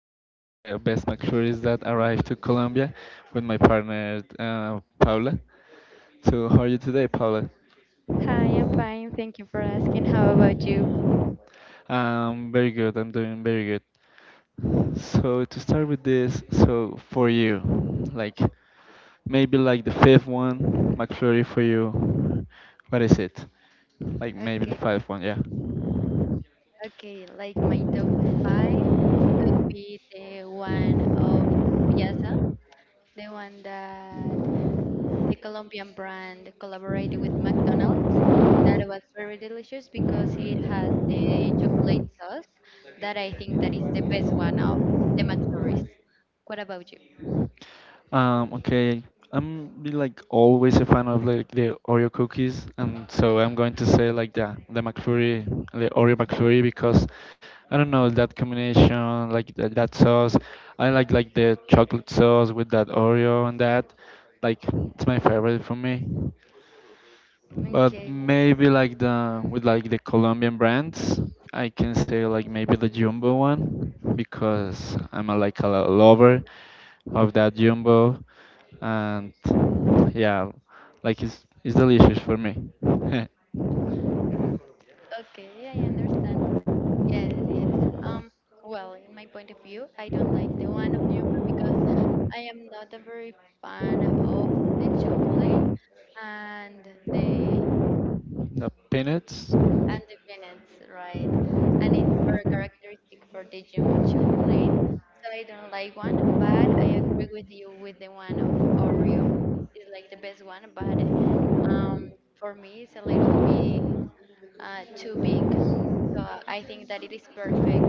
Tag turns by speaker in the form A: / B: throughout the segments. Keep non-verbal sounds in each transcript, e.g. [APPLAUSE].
A: about the best McFlurries that arrived to Colombia with my partner Paula. So, how are you today, Paula?
B: Hi, I'm fine. Thank you for asking. How about you?
A: Very good. I'm doing very good. So to start with this, so for you, like maybe like the fifth one, McFlurry for you. What is it? Like maybe
B: Okay,
A: the fifth one, yeah.
B: okay, like my top five, it could be the one of Piazza, the one that the Colombian brand collaborated with McDonald's. That was very delicious because it has the chocolate sauce that I think that is the best one of the McFlurries. What about you?
A: Okay, I'm be, like always a fan of like the Oreo cookies, and so I'm going to say like the McFlurry, the Oreo McFlurry because I don't know that combination, like the, that sauce. I like the chocolate sauce with that Oreo and that, like it's my favorite for me. But
B: Okay.
A: maybe like the with like the Colombian brands, I can say like maybe the Jumbo one because I'm a, like a lover of that Jumbo, and yeah, like it's delicious for me. [LAUGHS]
B: Okay, I understand. Yes, yes. Um, well, in my point of view, I don't like the one of Jumbo because I am not a very fan of the chocolate and the
A: The peanuts.
B: and the peanuts, right? And it's very characteristic for the Jumbo chocolate, so I don't like one. But I agree with you with the one of Oreo. It's like the best one, but um, for me, it's a little bit too big. So I think that it is perfect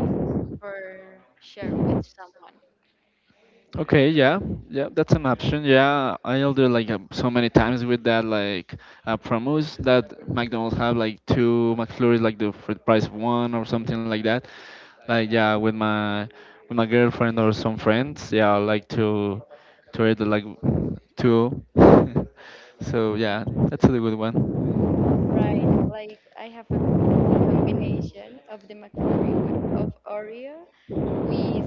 B: for share with someone.
A: Okay, yeah, yeah, that's an option. Yeah, I'll do like so many times with that like promos that McDonald's have like two McFlurries like the for the price of one or something like that. Like yeah, with my girlfriend or some friends, yeah, I like to eat like two. [LAUGHS] So
B: Okay.
A: yeah, that's a good one.
B: Right, like I have a combination of the McFlurry with, of Oreo with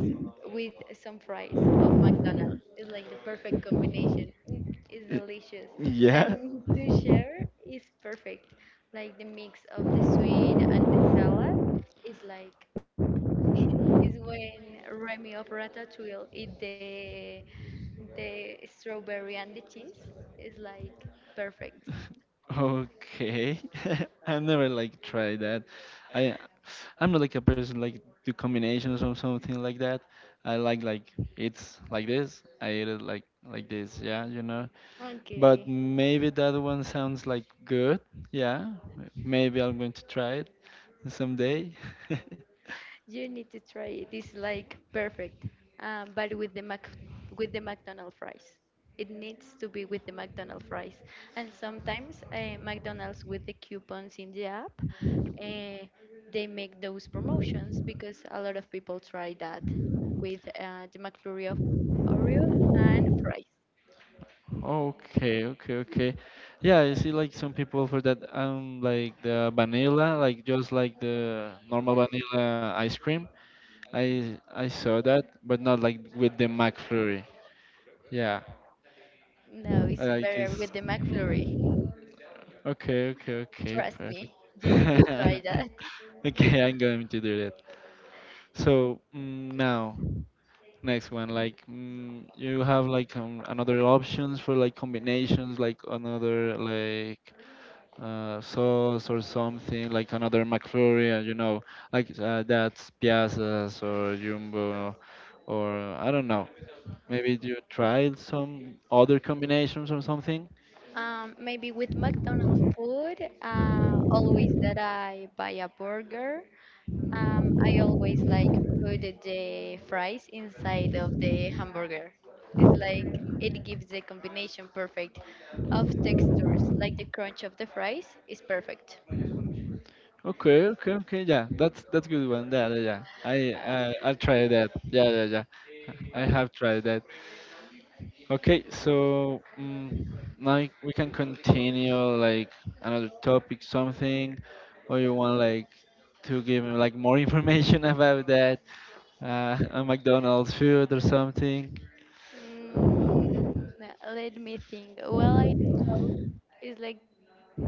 B: with some fries of McDonald's. It's like the perfect combination. Mm, it's delicious.
A: Yeah.
B: And to share is perfect. Like the mix of the sweet and the salad is like [LAUGHS] is when Remy of Ratatouille eat the strawberry and the cheese is like perfect.
A: Okay. [LAUGHS] I never like tried that. I I'm not like a person like do combinations or something like that. I like it's like this. I eat it like this. Yeah, But maybe that one sounds like good. Yeah. Maybe I'm going to try it someday. [LAUGHS]
B: You need to try it. It's like perfect. But with the Mac with the McDonald's fries. It needs to be with the McDonald's fries. And sometimes McDonald's with the coupons in the app, uh, they make those promotions because a lot of people try that with the McFlurry of Oreo and fries.
A: Okay, okay, okay. Yeah, I see like some people for that like the vanilla, like just like the normal vanilla ice cream. I saw that, but not like with the McFlurry. Yeah,
B: No, it's
A: I like
B: better with the
A: it's
B: McFlurry.
A: okay, okay, okay,
B: Trust me,
A: perfect.
B: you need to try that.
A: [LAUGHS] Okay, I'm going to do that. So now next one, like you have like another options for like combinations, like another like sauce or something like another McFlurry, like that's Piazzas or Jumbo, or I don't know. Maybe you tried some other combinations or something.
B: Maybe with McDonald's food, always that I buy a burger, I always like put the fries inside of the hamburger. It's like it gives the combination perfect of textures, like the crunch of the fries is perfect.
A: Okay, okay, okay. Yeah, that's good one. Yeah, yeah, yeah. I
B: Uh,
A: I I'll try that. Yeah, yeah, yeah. I have tried that. Okay, so like we can continue like another topic, something, or you want like to give me like more information [LAUGHS] about that [LAUGHS] a McDonald's food or something.
B: mm, Let me think. Well, I know it's like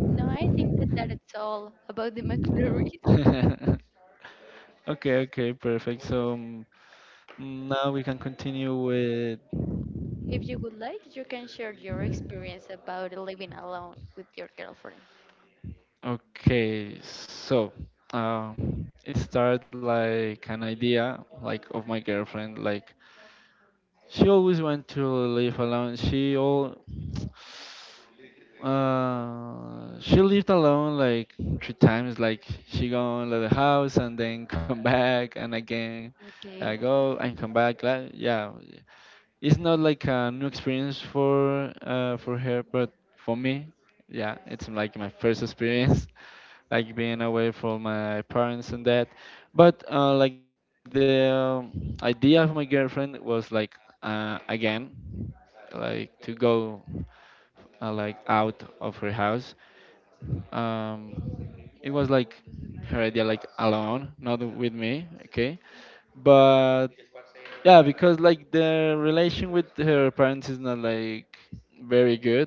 B: no, I think that that's all about the [LAUGHS] McFlurries.
A: [LAUGHS] Okay, okay, perfect. So now we can continue with.
B: If you would like, you can share your experience about living alone with your girlfriend.
A: Okay, so it started like an idea, like of my girlfriend, like she always went to live alone. She lived alone like three times. Like she go to the house and then come back and again
B: Okay.
A: go and come back. Like, yeah, it's not like a new experience for her, but for me, yeah, it's like my first experience, [LAUGHS] like being away from my parents and that. But like the idea of my girlfriend was like again like to go like out of her house. Um, it was like her idea, like alone, not with me. Okay, but yeah, because like the relation with her parents is not like very good.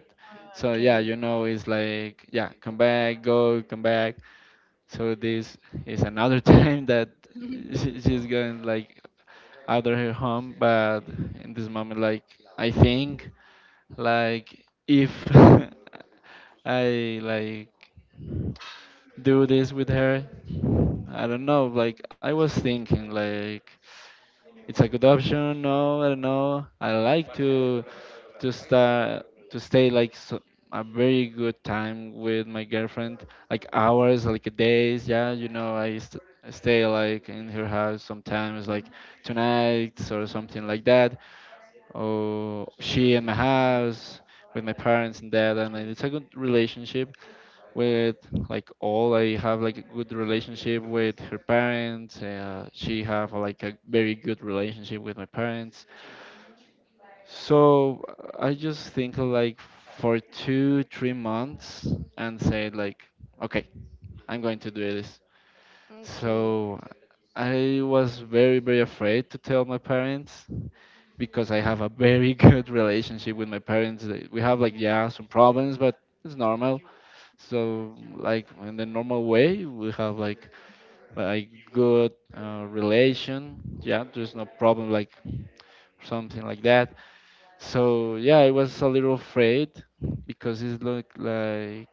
A: So yeah,
B: Okay.
A: it's like yeah, come back, go, come back. So this is another [LAUGHS] time that
B: [LAUGHS]
A: she's going like out of her home, but in this moment, like I think like if [LAUGHS] I like do this with her, I don't know. Like I was thinking, like it's a good option. No, I don't know. I like to start to stay like so, a very good time with my girlfriend, like hours, like days. Yeah, I stay like in her house sometimes, like tonight or something like that or she in my house with my parents and dad and it's a good relationship with like all I have like a good relationship with her parents she have like a very good relationship with my parents. So I just think like for 2, 3 months and say like, okay, I'm going to do this.
B: Okay.
A: So I was very very afraid to tell my parents because I have a very [LAUGHS] good relationship with my parents. We have like
B: Mm,
A: yeah some problems, but it's normal. So like in the normal way, we have like a good relation. Yeah, there's no problem like something like that. So yeah, I was a little afraid because it looked like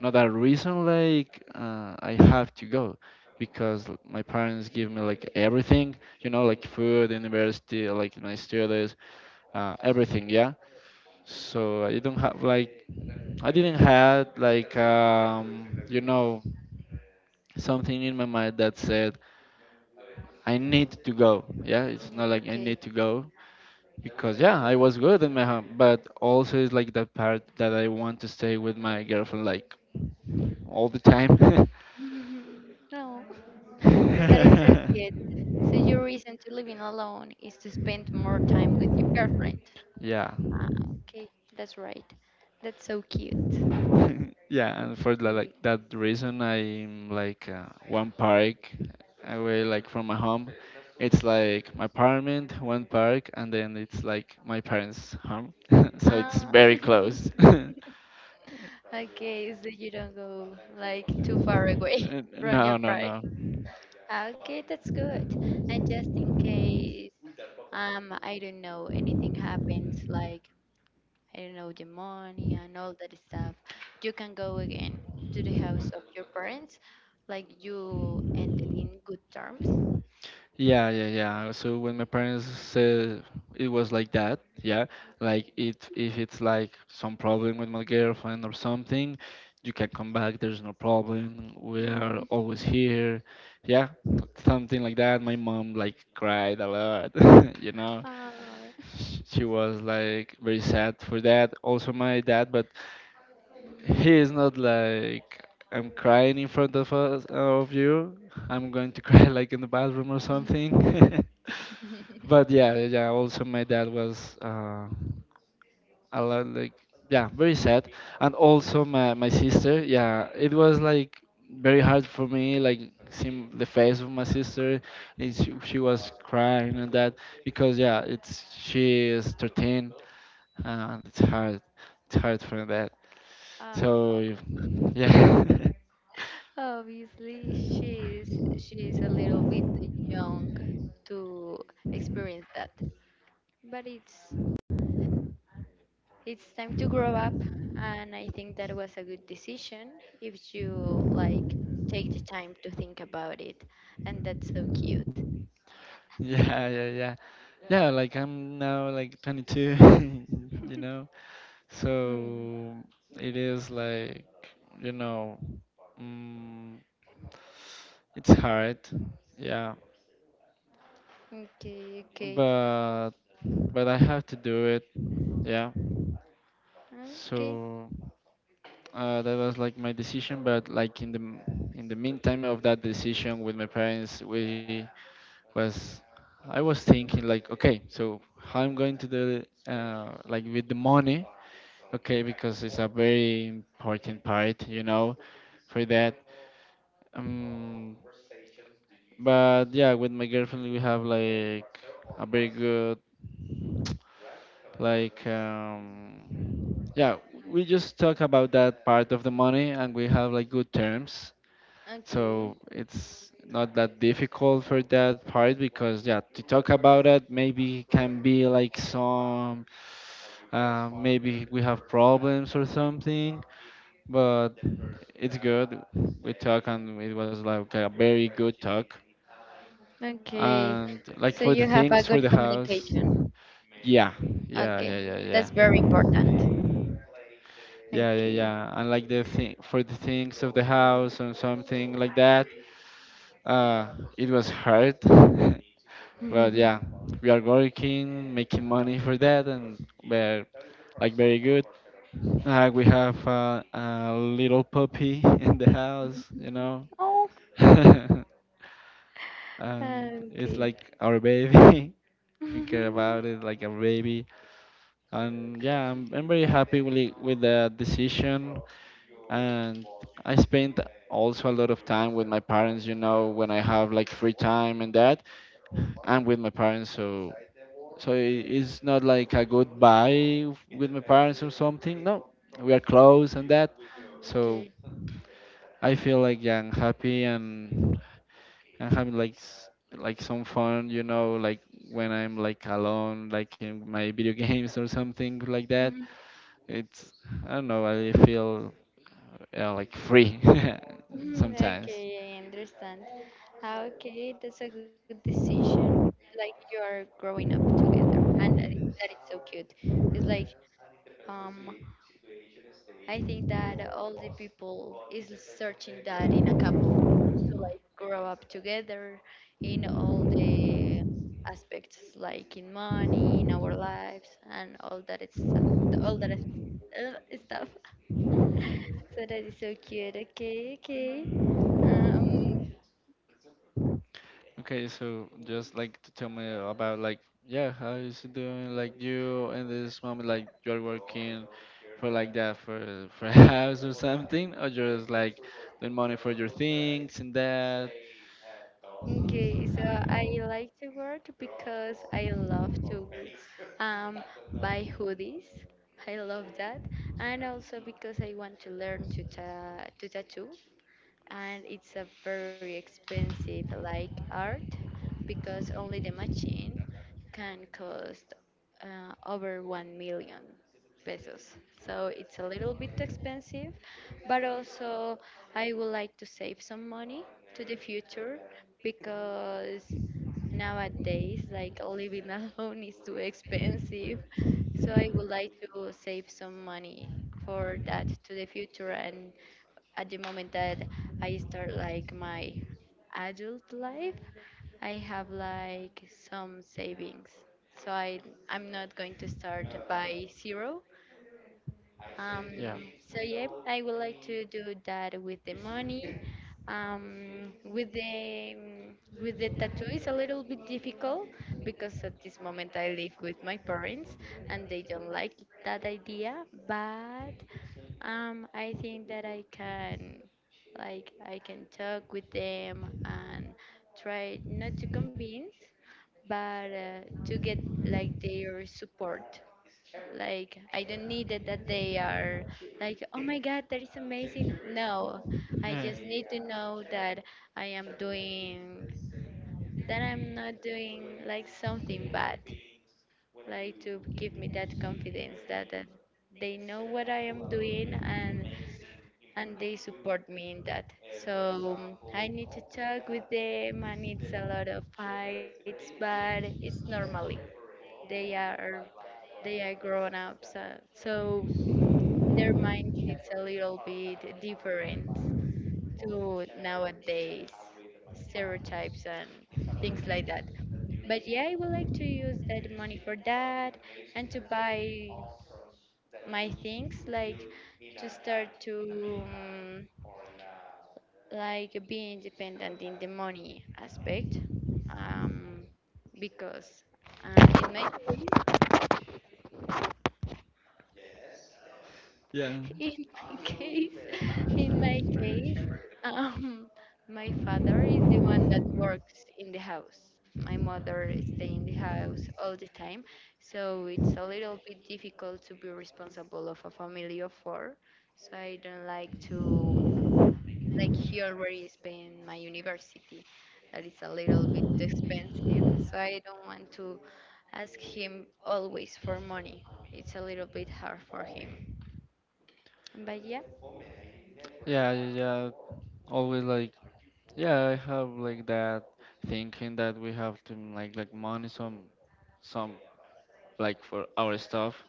A: not a reason like I have to go because my parents give me like everything, like food, university, like my studies, everything, yeah. So I don't have like I didn't had like something in my mind that said I need to go. Yeah, it's not
B: mm,
A: like I need
B: okay.
A: to go because yeah, I was good in my home, but also it's like the part that I want to stay with my girlfriend like all the time.
B: [LAUGHS] No, [LAUGHS] that is so cute. So
A: [LAUGHS]
B: your reason to living alone is to spend more time with your girlfriend.
A: [LAUGHS] Yeah.
B: Ah, okay, that's right. That's so cute.
A: [LAUGHS] Yeah, and for the, like
B: Okay.
A: that reason, I'm like one park away, like from my home. It's like my apartment, one park, and then it's like my parents' home. [LAUGHS] So it's
B: Ah,
A: very
B: [LAUGHS]
A: close. [LAUGHS]
B: okay, so you don't go like too far away [LAUGHS] from
A: No,
B: your
A: no,
B: pride.
A: no.
B: Okay, that's good. And just in case, I don't know, anything happens, like I don't know, the money and all that stuff, you can go again to the house of your parents, like you ended in good terms.
A: Yeah, yeah, yeah. So when my parents said it was like that, yeah, like it if it's like some problem with my girlfriend or something, you can come back, there's no problem. We are
B: Oh,
A: always here. Yeah, something like that. My mom like cried a lot, [LAUGHS].
B: oh.
A: She was like very sad for that. Also my dad, but he is not like I'm crying in front of us of you. I'm going to [LAUGHS] cry like in the bathroom or
B: [LAUGHS]
A: something. [LAUGHS]
B: Mhm.
A: But yeah, yeah. Also, my dad was a lot like yeah, very sad, and also my sister. Yeah, it was like very hard for me, like seeing the face of my sister, and she was crying and that because yeah, it's she is 13, and it's hard for that. So
B: Oh,
A: yeah, [LAUGHS]
B: obviously, she's a little bit young to experience that, but it's time to grow up, and I think that was a good decision if you like take the time to think about it, and that's so cute.
A: yeah, yeah, yeah. Yeah, like I'm now like 22, [LAUGHS] you know.
B: Mm,
A: So it is like, you know, mm, it's hard, yeah,
B: okay, okay,
A: but but I have to do it, yeah.
B: okay,
A: So that was like my decision, but like in the in the meantime of that decision with my parents, we was I was thinking like, okay, so how I'm going to do it, like with the money, okay, because it's a very important part, for that. Um, but yeah, with my girlfriend we have like a very good like yeah, we just talk about that part of the money and we have like good terms.
B: okay,
A: So it's not that difficult for that part because yeah, to talk about it maybe can be like some maybe we have problems or something, but it's good. We talk and it was like a very good talk.
B: okay.
A: And like
B: So
A: for the
B: you have a
A: things for
B: good
A: the house.
B: communication.
A: Yeah, yeah,
B: Okay,
A: yeah, yeah, yeah.
B: that's very important.
A: Yeah, yeah,
B: Okay.
A: yeah. And like the thing for the things of the house and something like that. Uh, it was hard, [LAUGHS] but yeah,
B: [LAUGHS]
A: we are working, making money for that, and we're like very good. We have a little puppy [LAUGHS] in the house,
B: Oh,
A: [LAUGHS] and
B: ah,
A: it's
B: okay.
A: like our baby. [LAUGHS]
B: [LAUGHS]
A: We care
B: Mm,
A: about it like a baby. And yeah, I'm very happy with, with the decision. And I spent also a lot of time with my parents, when I have like free time and that. I'm with my parents, so so it's not like a goodbye with my parents or something. No, we are close and that. So
B: okay.
A: I feel like yeah, I'm happy and having like like some fun, like when I'm like alone, like in my video [LAUGHS] games or something like that.
B: Mhm.
A: It's I don't know. I feel like free [LAUGHS]
B: Mhm,
A: sometimes.
B: okay, I understand. Ah, okay, that's a good decision. Like you are growing up together, and that is so cute. It's like um, I think that all the people is searching that in a couple to like grow up together in all the aspects, like in money, in our lives, and all that it's all that is, stuff. [LAUGHS] So that is so cute. Okay, okay. Um,
A: Okay, so just like to tell me about like yeah, how is it doing? Like you in this moment, like you're working for like that for a [LAUGHS] house or something, or just like the money for your things and that.
B: Okay, so I like to work because I love to um, buy hoodies. I love that, and also because I want to learn to ta to tattoo and it's a very expensive like art because only the machine can cost over 1 million pesos. So it's a little bit expensive, but also I would like to save some money to the future because nowadays like living [LAUGHS] alone is too expensive. So I would like to save some money for that to the future and at the moment that I start like my adult life, I have like some savings. So I I'm not going to start by zero. Um,
A: Yeah.
B: so yeah, I would like to do that with the money. Um, with the um, with the tattoo is a little bit difficult because at this moment I live with my parents and they don't like that idea. But I think that I can, like, I can talk with them and try not to convince, but to get like their support. Like, I don't need it that they are like, oh my God, that is amazing. No, I
A: Yeah.
B: just need to know that I am doing, that I'm not doing like something bad. Like to give me that confidence that, that they know what I am doing and they support me in that. So I need to talk with them, and it's a lot of fights, but it's normally. They are they are grown ups, so their minds it's a little bit different to nowadays stereotypes and things like that. But yeah, I would like to use that money for that and to buy my things, like to start to like being dependent in the money aspect um, because in my case
A: Yeah.
B: [LAUGHS] in my case in my case um, my father is the one that works in the house, my mother stay in the house all the time, so it's a little bit difficult to be responsible of a family of four, so I don't like to like here where is in my university that is a little bit expensive, so I don't want to ask him always for money, it's a little bit hard for him, but yeah.
A: Yeah. Yeah. Yeah. Always like, yeah, I have like that thinking that we have to like money some like for our stuff.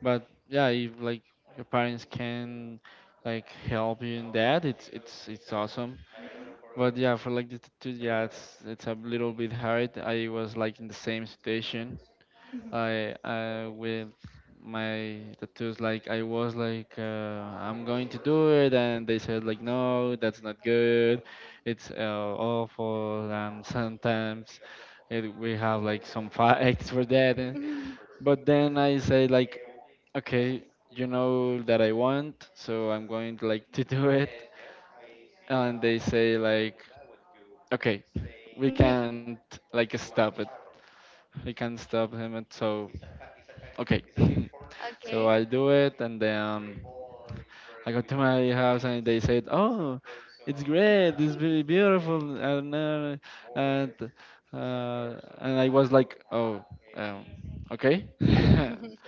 A: But yeah, if like your parents can like help you in that, it's it's awesome. But yeah, for like the tattoo, yeah, it's a little bit hard. I was like in the same situation. I with my tattoos like I was like I'm going to do it, and they said like no, that's not good, it's awful. And sometimes we have like some [LAUGHS] fights for that.
B: [LAUGHS]
A: But then I say like okay, you know that I want, so I'm going to like to [LAUGHS] do it. And they say like okay, we can't like stop it, he can stop him, and so okay. [LAUGHS]
B: Okay.
A: So I do it, and then I go to my house, and they said, "Oh, it's great, it's very beautiful," and uh, and I was like, "Oh, um, okay." [LAUGHS]
B: [LAUGHS]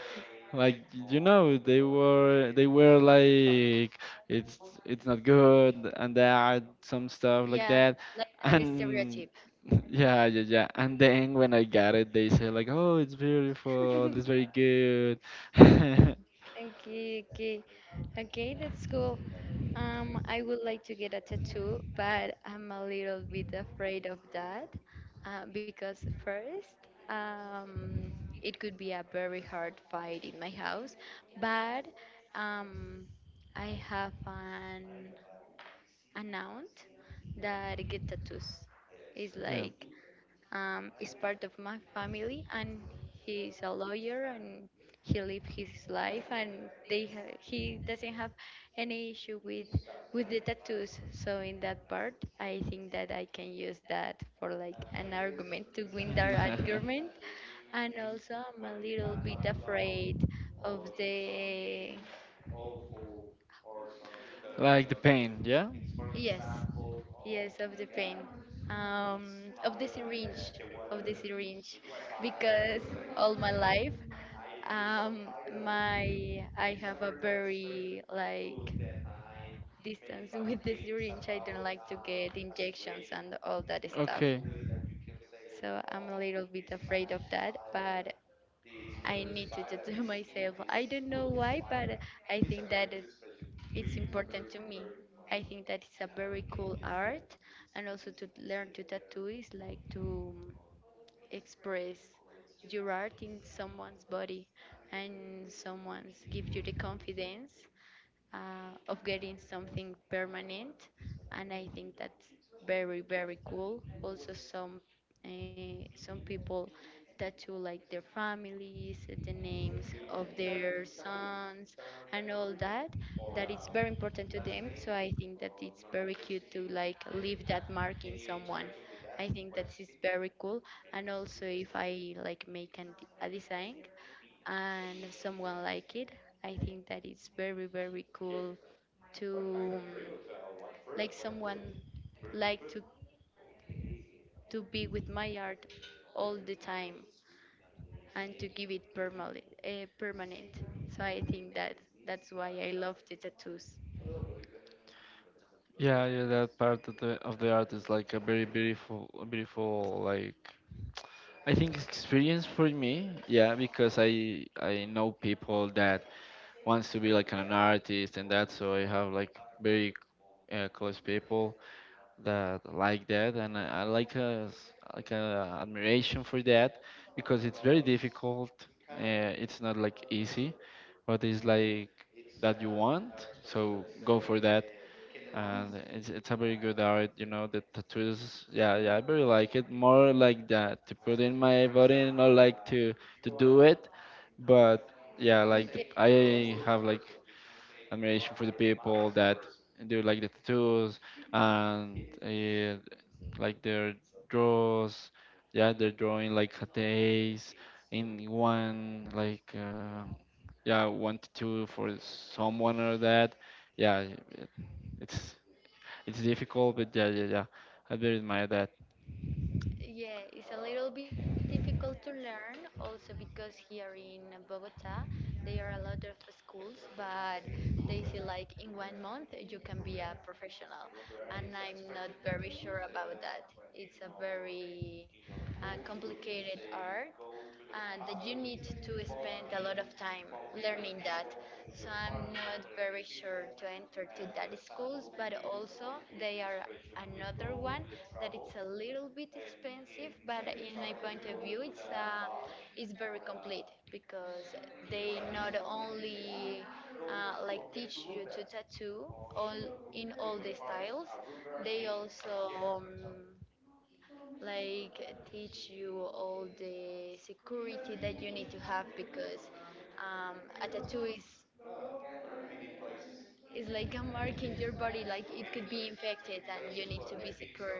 A: Like, you know, they were like it's it's not good and that, some stuff like
B: Yeah,
A: that.
B: like that is
A: And
B: stereotype.
A: [LAUGHS] yeah, yeah, yeah. And then when I got it, they said like, "Oh, it's beautiful. It's
B: [LAUGHS]
A: very good." [LAUGHS]
B: Okay, okay, okay, that's cool. I would like to get a tattoo, but I'm a little bit afraid of that because first, um, it could be a very hard fight in my house, but um, I have an aunt that get tattoos. It's
A: Yeah.
B: like is part of my family and he's a lawyer and he live his life and he doesn't have any issue with the tattoos, so in that part I think that I can use that for like an argument to win that argument.
A: [LAUGHS]
B: And also I'm a little bit afraid of the
A: Like the pain, yeah?
B: yes, yes, of the pain, of the syringe because all my life Um, my I have a very like distance [LAUGHS] with the syringe. I don't like to get injections and all that stuff.
A: Okay.
B: So I'm a little bit afraid of that, but I need to just do it [LAUGHS] myself. I don't know why, but I think that it's important to me. I think that it's a very cool art, and also to learn to tattoo is like to express your art in someone's body and someone's give you the confidence of getting something permanent. And I think that's very, very cool. Also, some people tattoo like their families, the names of their sons, and all that. That it's very important to them. So I think that it's very cute to like leave that mark in someone. I think that is very cool. And also, if I like make a design, and someone like it. I think that it's very very cool to like someone like to be with my art all the time and to give it permanent. So I think that that's why I love the tattoos.
A: Yeah, yeah, that part of the art is like a very beautiful, a beautiful like, I think, experience for me. Yeah, because I know people that wants to be like an artist and that. So I have like very close people that like that, and I like a s- like a admiration for that because it's very difficult. Uh, it's not like easy, but it's
B: No.
A: like that you want. So go for that. And it's a very good art, you know. The tattoos, yeah, yeah, I very like it. More like that to put in my body, not like to do it, but yeah, like the,
B: Okay.
A: I
B: Understand.
A: have like admiration for the people that do like the tattoos and like their draws, yeah, they're drawing like a days in one like yeah, one to two for someone or that. Yeah, it's it's difficult, but yeah, yeah, yeah, I bear in mind that.
B: Yeah, it's a little bit difficult to learn also because here in Bogota there are a lot of schools, but they say like in 1 month you can be a professional, and I'm not very sure about that. It's a very complicated art, and that you need to spend a lot of time learning that. So I'm not very sure to enter to that schools, but also they are another one that it's a little bit expensive, but in my point of view, it's very complete because they not only like teach you to tattoo all in all the styles. They also like teach you all the security that you need to have, because um, a tattoo is like a mark in your body. Like, it could be infected, and you need to be secure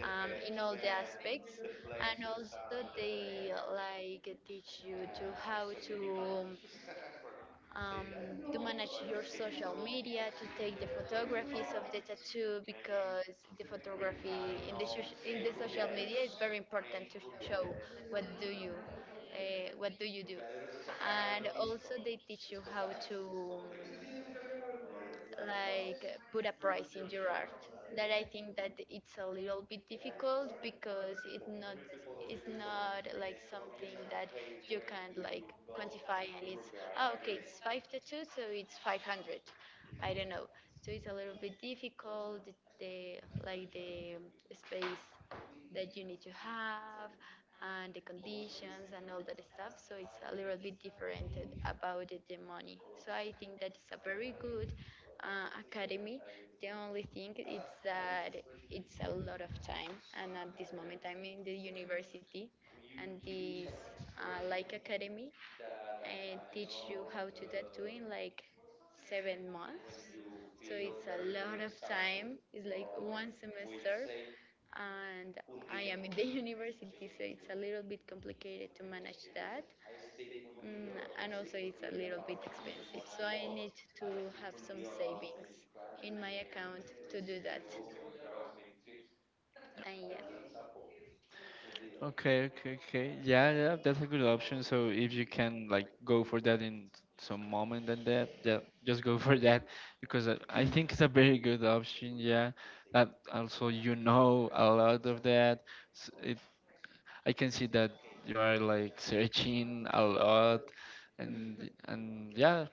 B: in all the aspects. And also they like teach you to how um, to manage your social media, to take the photographies of the tattoo, because the photography in the social media is very important to show what do you what do you do. And also they teach you how to, like, put a price in your art. That I think that it's a little bit difficult, because it's not, like something that you can, like, quantify. And it's, oh, okay, it's five tattoos, so it's 500, I don't know. So it's a little bit difficult, the the space that you need to have, and the conditions and all that stuff. So it's a little bit different about the money. So I think that is a very good academy. The only thing is that it's a lot of time, and at this moment I'm in the university, and this like, academy and teach you how to tattoo in like 7 months. So it's a lot of time. It's like one semester, and I am in the [LAUGHS] university, so it's a little bit complicated to manage that. And also it's a little bit expensive. So I need to have some savings in my account to do that. And yeah,
A: Okay, okay, okay. Yeah, yeah, that's a good option. So if you can like go for that in some moment and that, yeah, just go [LAUGHS] for that, because I think it's a very good option. Yeah, that also you know a lot of that. S it, I can see that you are like searching a lot,
B: [LAUGHS]
A: and yeah,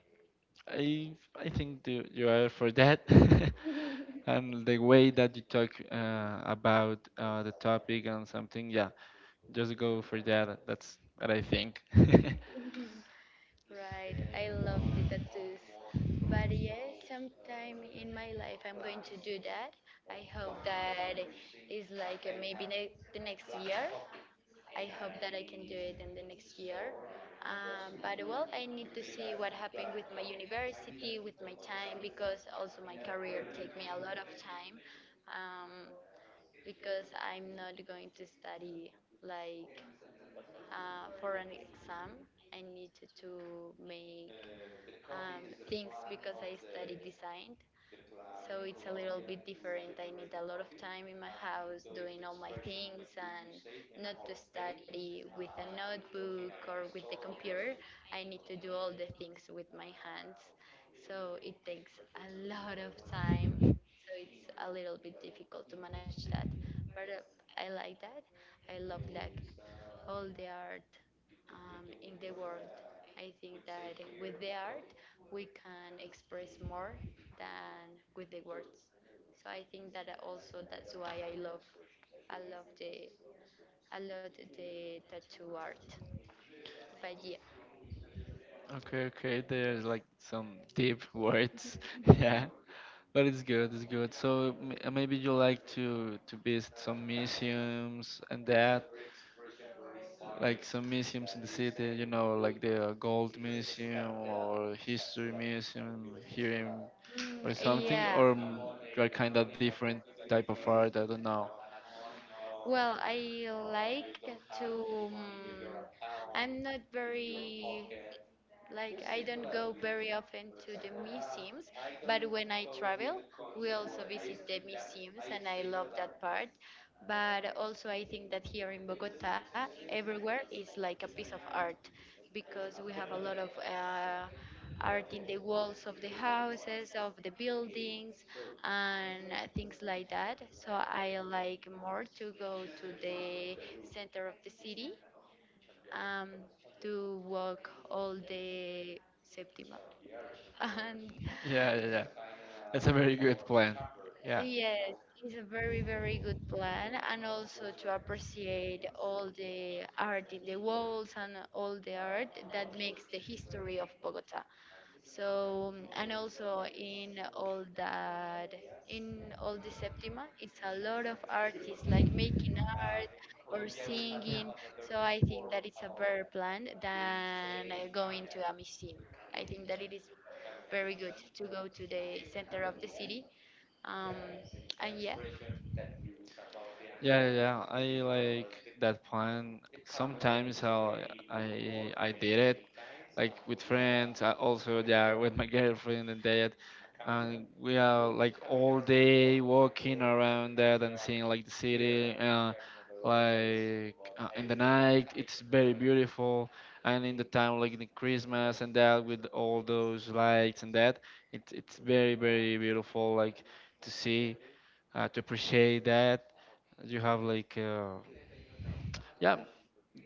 A: I think you are for that. [LAUGHS] And the way that you talk about the topic and something, yeah, just go for that. That's what I think. [LAUGHS]
B: right. I love the tattoos. But yes, sometime in my life I'm going to do that. I hope that is like, maybe the next year. I hope that I can do it in the next year. But well, I need to see what happened with my university, with my time, because also my career take me a lot of time, um, because I'm not going to study, like, for an exam. I need to make um, things, because I study design, so it's a little bit different. I need a lot of time in my house doing all my things, and not to study with a notebook or with the computer. I need to do all the things with my hands. So it takes a lot of time. So it's a little bit difficult to manage that. But I like that. I love, like, all the art in the world. I think that with the art we can express more than with the words. So I think that also that's why I love the I love the tattoo art. But yeah.
A: Okay, okay. There's like some deep words. [LAUGHS] Yeah. But it's good, it's good. So m- maybe you like to visit some museums and that, like some museums in the city, you know, like the Gold Museum or History Museum here in, or
B: Mm,
A: something,
B: yeah.
A: or mm, you are kind of different type of art, I don't know.
B: Well, I like to. Um, I'm not very Like, I don't go very often to the museums, but when I travel, we also visit the museums, and I love that part. But also I think that here in Bogota, everywhere is like a piece of art, because we have a lot of art in the walls of the houses, of the buildings, and things like that. So I like more to go to the center of the city, um, to walk all the Septima.
A: Yeah,
B: [LAUGHS]
A: yeah, yeah. That's a very good plan. Yeah.
B: And yes, it's a very, very good plan. And also to appreciate all the art in the walls and all the art that makes the history of Bogota. So, and also in all the Septima, it's a lot of artists like making art or
A: Yeah.
B: singing. So I think that it's a better plan than going to a museum. I think that it is very good to go to the center of the city. Um, and yeah.
A: Yeah, yeah, yeah. I like that plan. Sometimes how I did it, like with friends. I also yeah with my [LAUGHS] girlfriend and that, and we are like all day walking around that and seeing like the city. Like in the night, it's very beautiful, and in the time like the Christmas and that with all those lights and that, it's very very beautiful. Like to see, to appreciate that. You have like, yeah,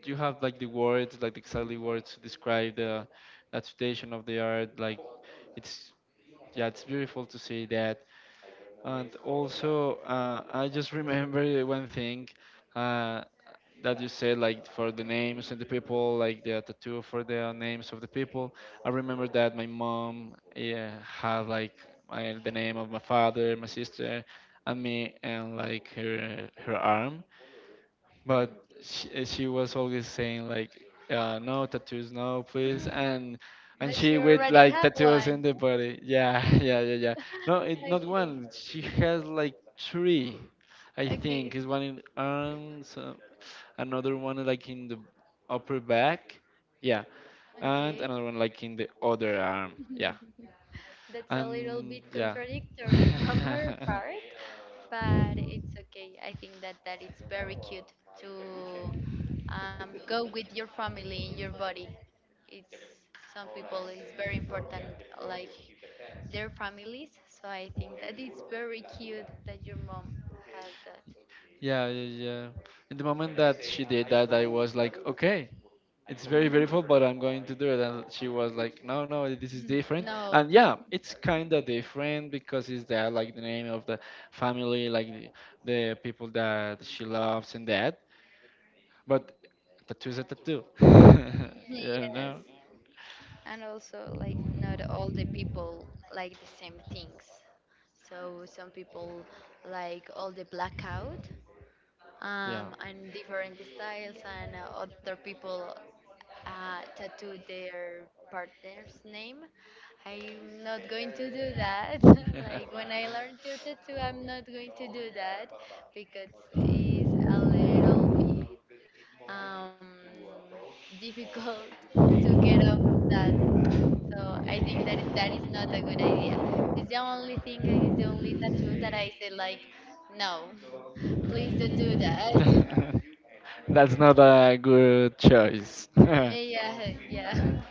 A: you have like the words, like the exactly words to describe the that situation of the art. Like, it's yeah, it's beautiful to see that. And also, I just remember one thing uh, that you said, like for the names and the people, like the tattoo for the names of the people. I remember that my mom, yeah, had like my, the name of my father, my sister, and me, and like her arm. But
B: mm,
A: she, eh, she was always saying like, no tattoos, no please, and
B: But
A: she
B: you
A: with
B: already
A: like
B: have
A: tattoos in
B: one.
A: the body. Yeah, [LAUGHS] yeah, yeah, yeah. No, it not
B: Okay.
A: one. She has like three, I think.
B: Okay.
A: Is one in arms, another one like in the upper back. Yeah, and
B: Okay, okay.
A: another one like in the other arm. Yeah,
B: That's a little
A: and
B: bit
A: yeah.
B: contradictory [LAUGHS] from her part,
A: [LAUGHS]
B: but it's okay. I think that that is very cute to go with your family in your body. It's some people is very important, like, their families. So I think that it's very cute that your mom has that.
A: Yeah, yeah, yeah. In the moment that she did that, I was like, okay, it's very beautiful, but I'm going to do it. And she was like, no, no, this is
B: [LAUGHS]
A: different.
B: No.
A: And
B: [LAUGHS]
A: yeah, it's kind of different because it's that like the name of the family, like the people that she loves and that. But tattoos is a tattoo. [LAUGHS]
B: Yes.
A: You know?
B: And also, like, not all the people like the same things, so some people like all the blackout
A: Yeah.
B: and different styles, and other people tattoo their partner's name. I'm not going to do that. [LAUGHS] Like, when I learn to tattoo,
A: [LAUGHS]
B: I'm not going to do that, because it's a little bit um, difficult [LAUGHS] to get out of that. So I think that that is not a good idea. It's the only thing, it's the only tattoo that I say like, no, please don't do that. [LAUGHS]
A: [LAUGHS] That's not a good choice. [LAUGHS]
B: Yeah, yeah.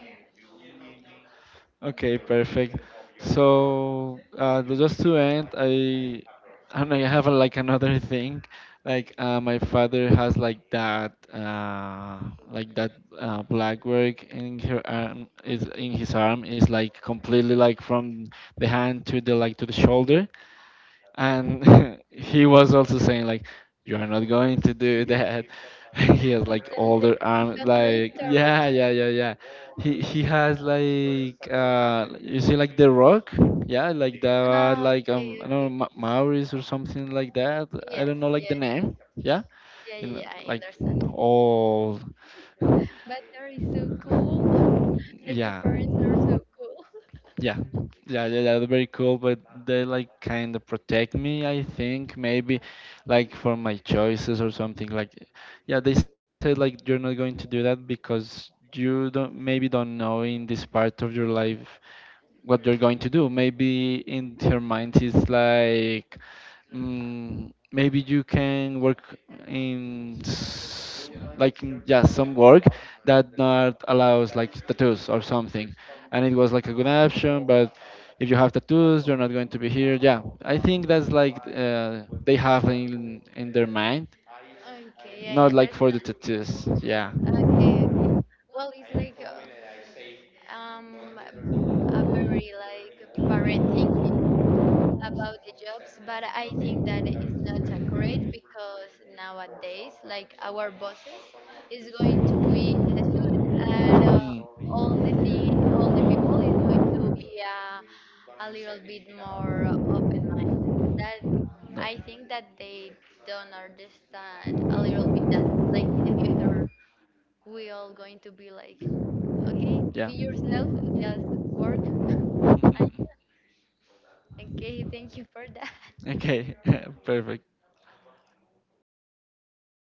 A: Okay, perfect. So th- just to end, I don't know. I have a, like another [LAUGHS] thing. Like my father has like that black work in her arm is
B: Okay.
A: in his arm is like completely like from the hand to the like to the shoulder, and [LAUGHS] he was also saying like you are not going to do that. [LAUGHS] He has
B: [LAUGHS] It's
A: like
B: a
A: older
B: little
A: arms like
B: contradictory.
A: yeah, yeah, yeah, yeah. He has like you see like the rock, yeah, like that,
B: Ah,
A: like
B: okay,
A: I don't know,
B: okay.
A: Ma- maoris or something like that, I
B: Yes,
A: don't know like the
B: yes.
A: name, yeah.
B: Yeah,
A: You
B: yeah,
A: know,
B: yeah, I
A: like
B: understand.
A: all,
B: But that is so cool. [LAUGHS] Like, your
A: yeah.
B: parents are so cool.
A: Yeah, yeah, yeah, that's very cool. But they like kind of protect me. I think maybe, like for my choices or something. Like, yeah, they said like you're not going to do that because you don't maybe don't know in this part of your life what you're going to do. Maybe in her mind is like, mm, maybe you can work in s- like in, yeah, some work that not allows like tattoos or something, and it was like a good option, but. If you have tattoos, you're not going to be here. Yeah, I think that's like they have in their mind,
B: Okay, I
A: not
B: under
A: like for the tattoos. Yeah.
B: okay, okay. Well, it's like, a very like parent thinking about the jobs. But I think that it's not accurate, because nowadays, like, our bosses is going to be tattooed, and
A: Hmm.
B: all the thing, all the people is going to be a little bit more open mind. That
A: No.
B: I think that they don't understand a little bit that, like, better. We all going to be like, okay, be
A: Yeah.
B: yourself, just work. Okay, thank you for
A: [LAUGHS]
B: that.
A: Okay, [LAUGHS] perfect.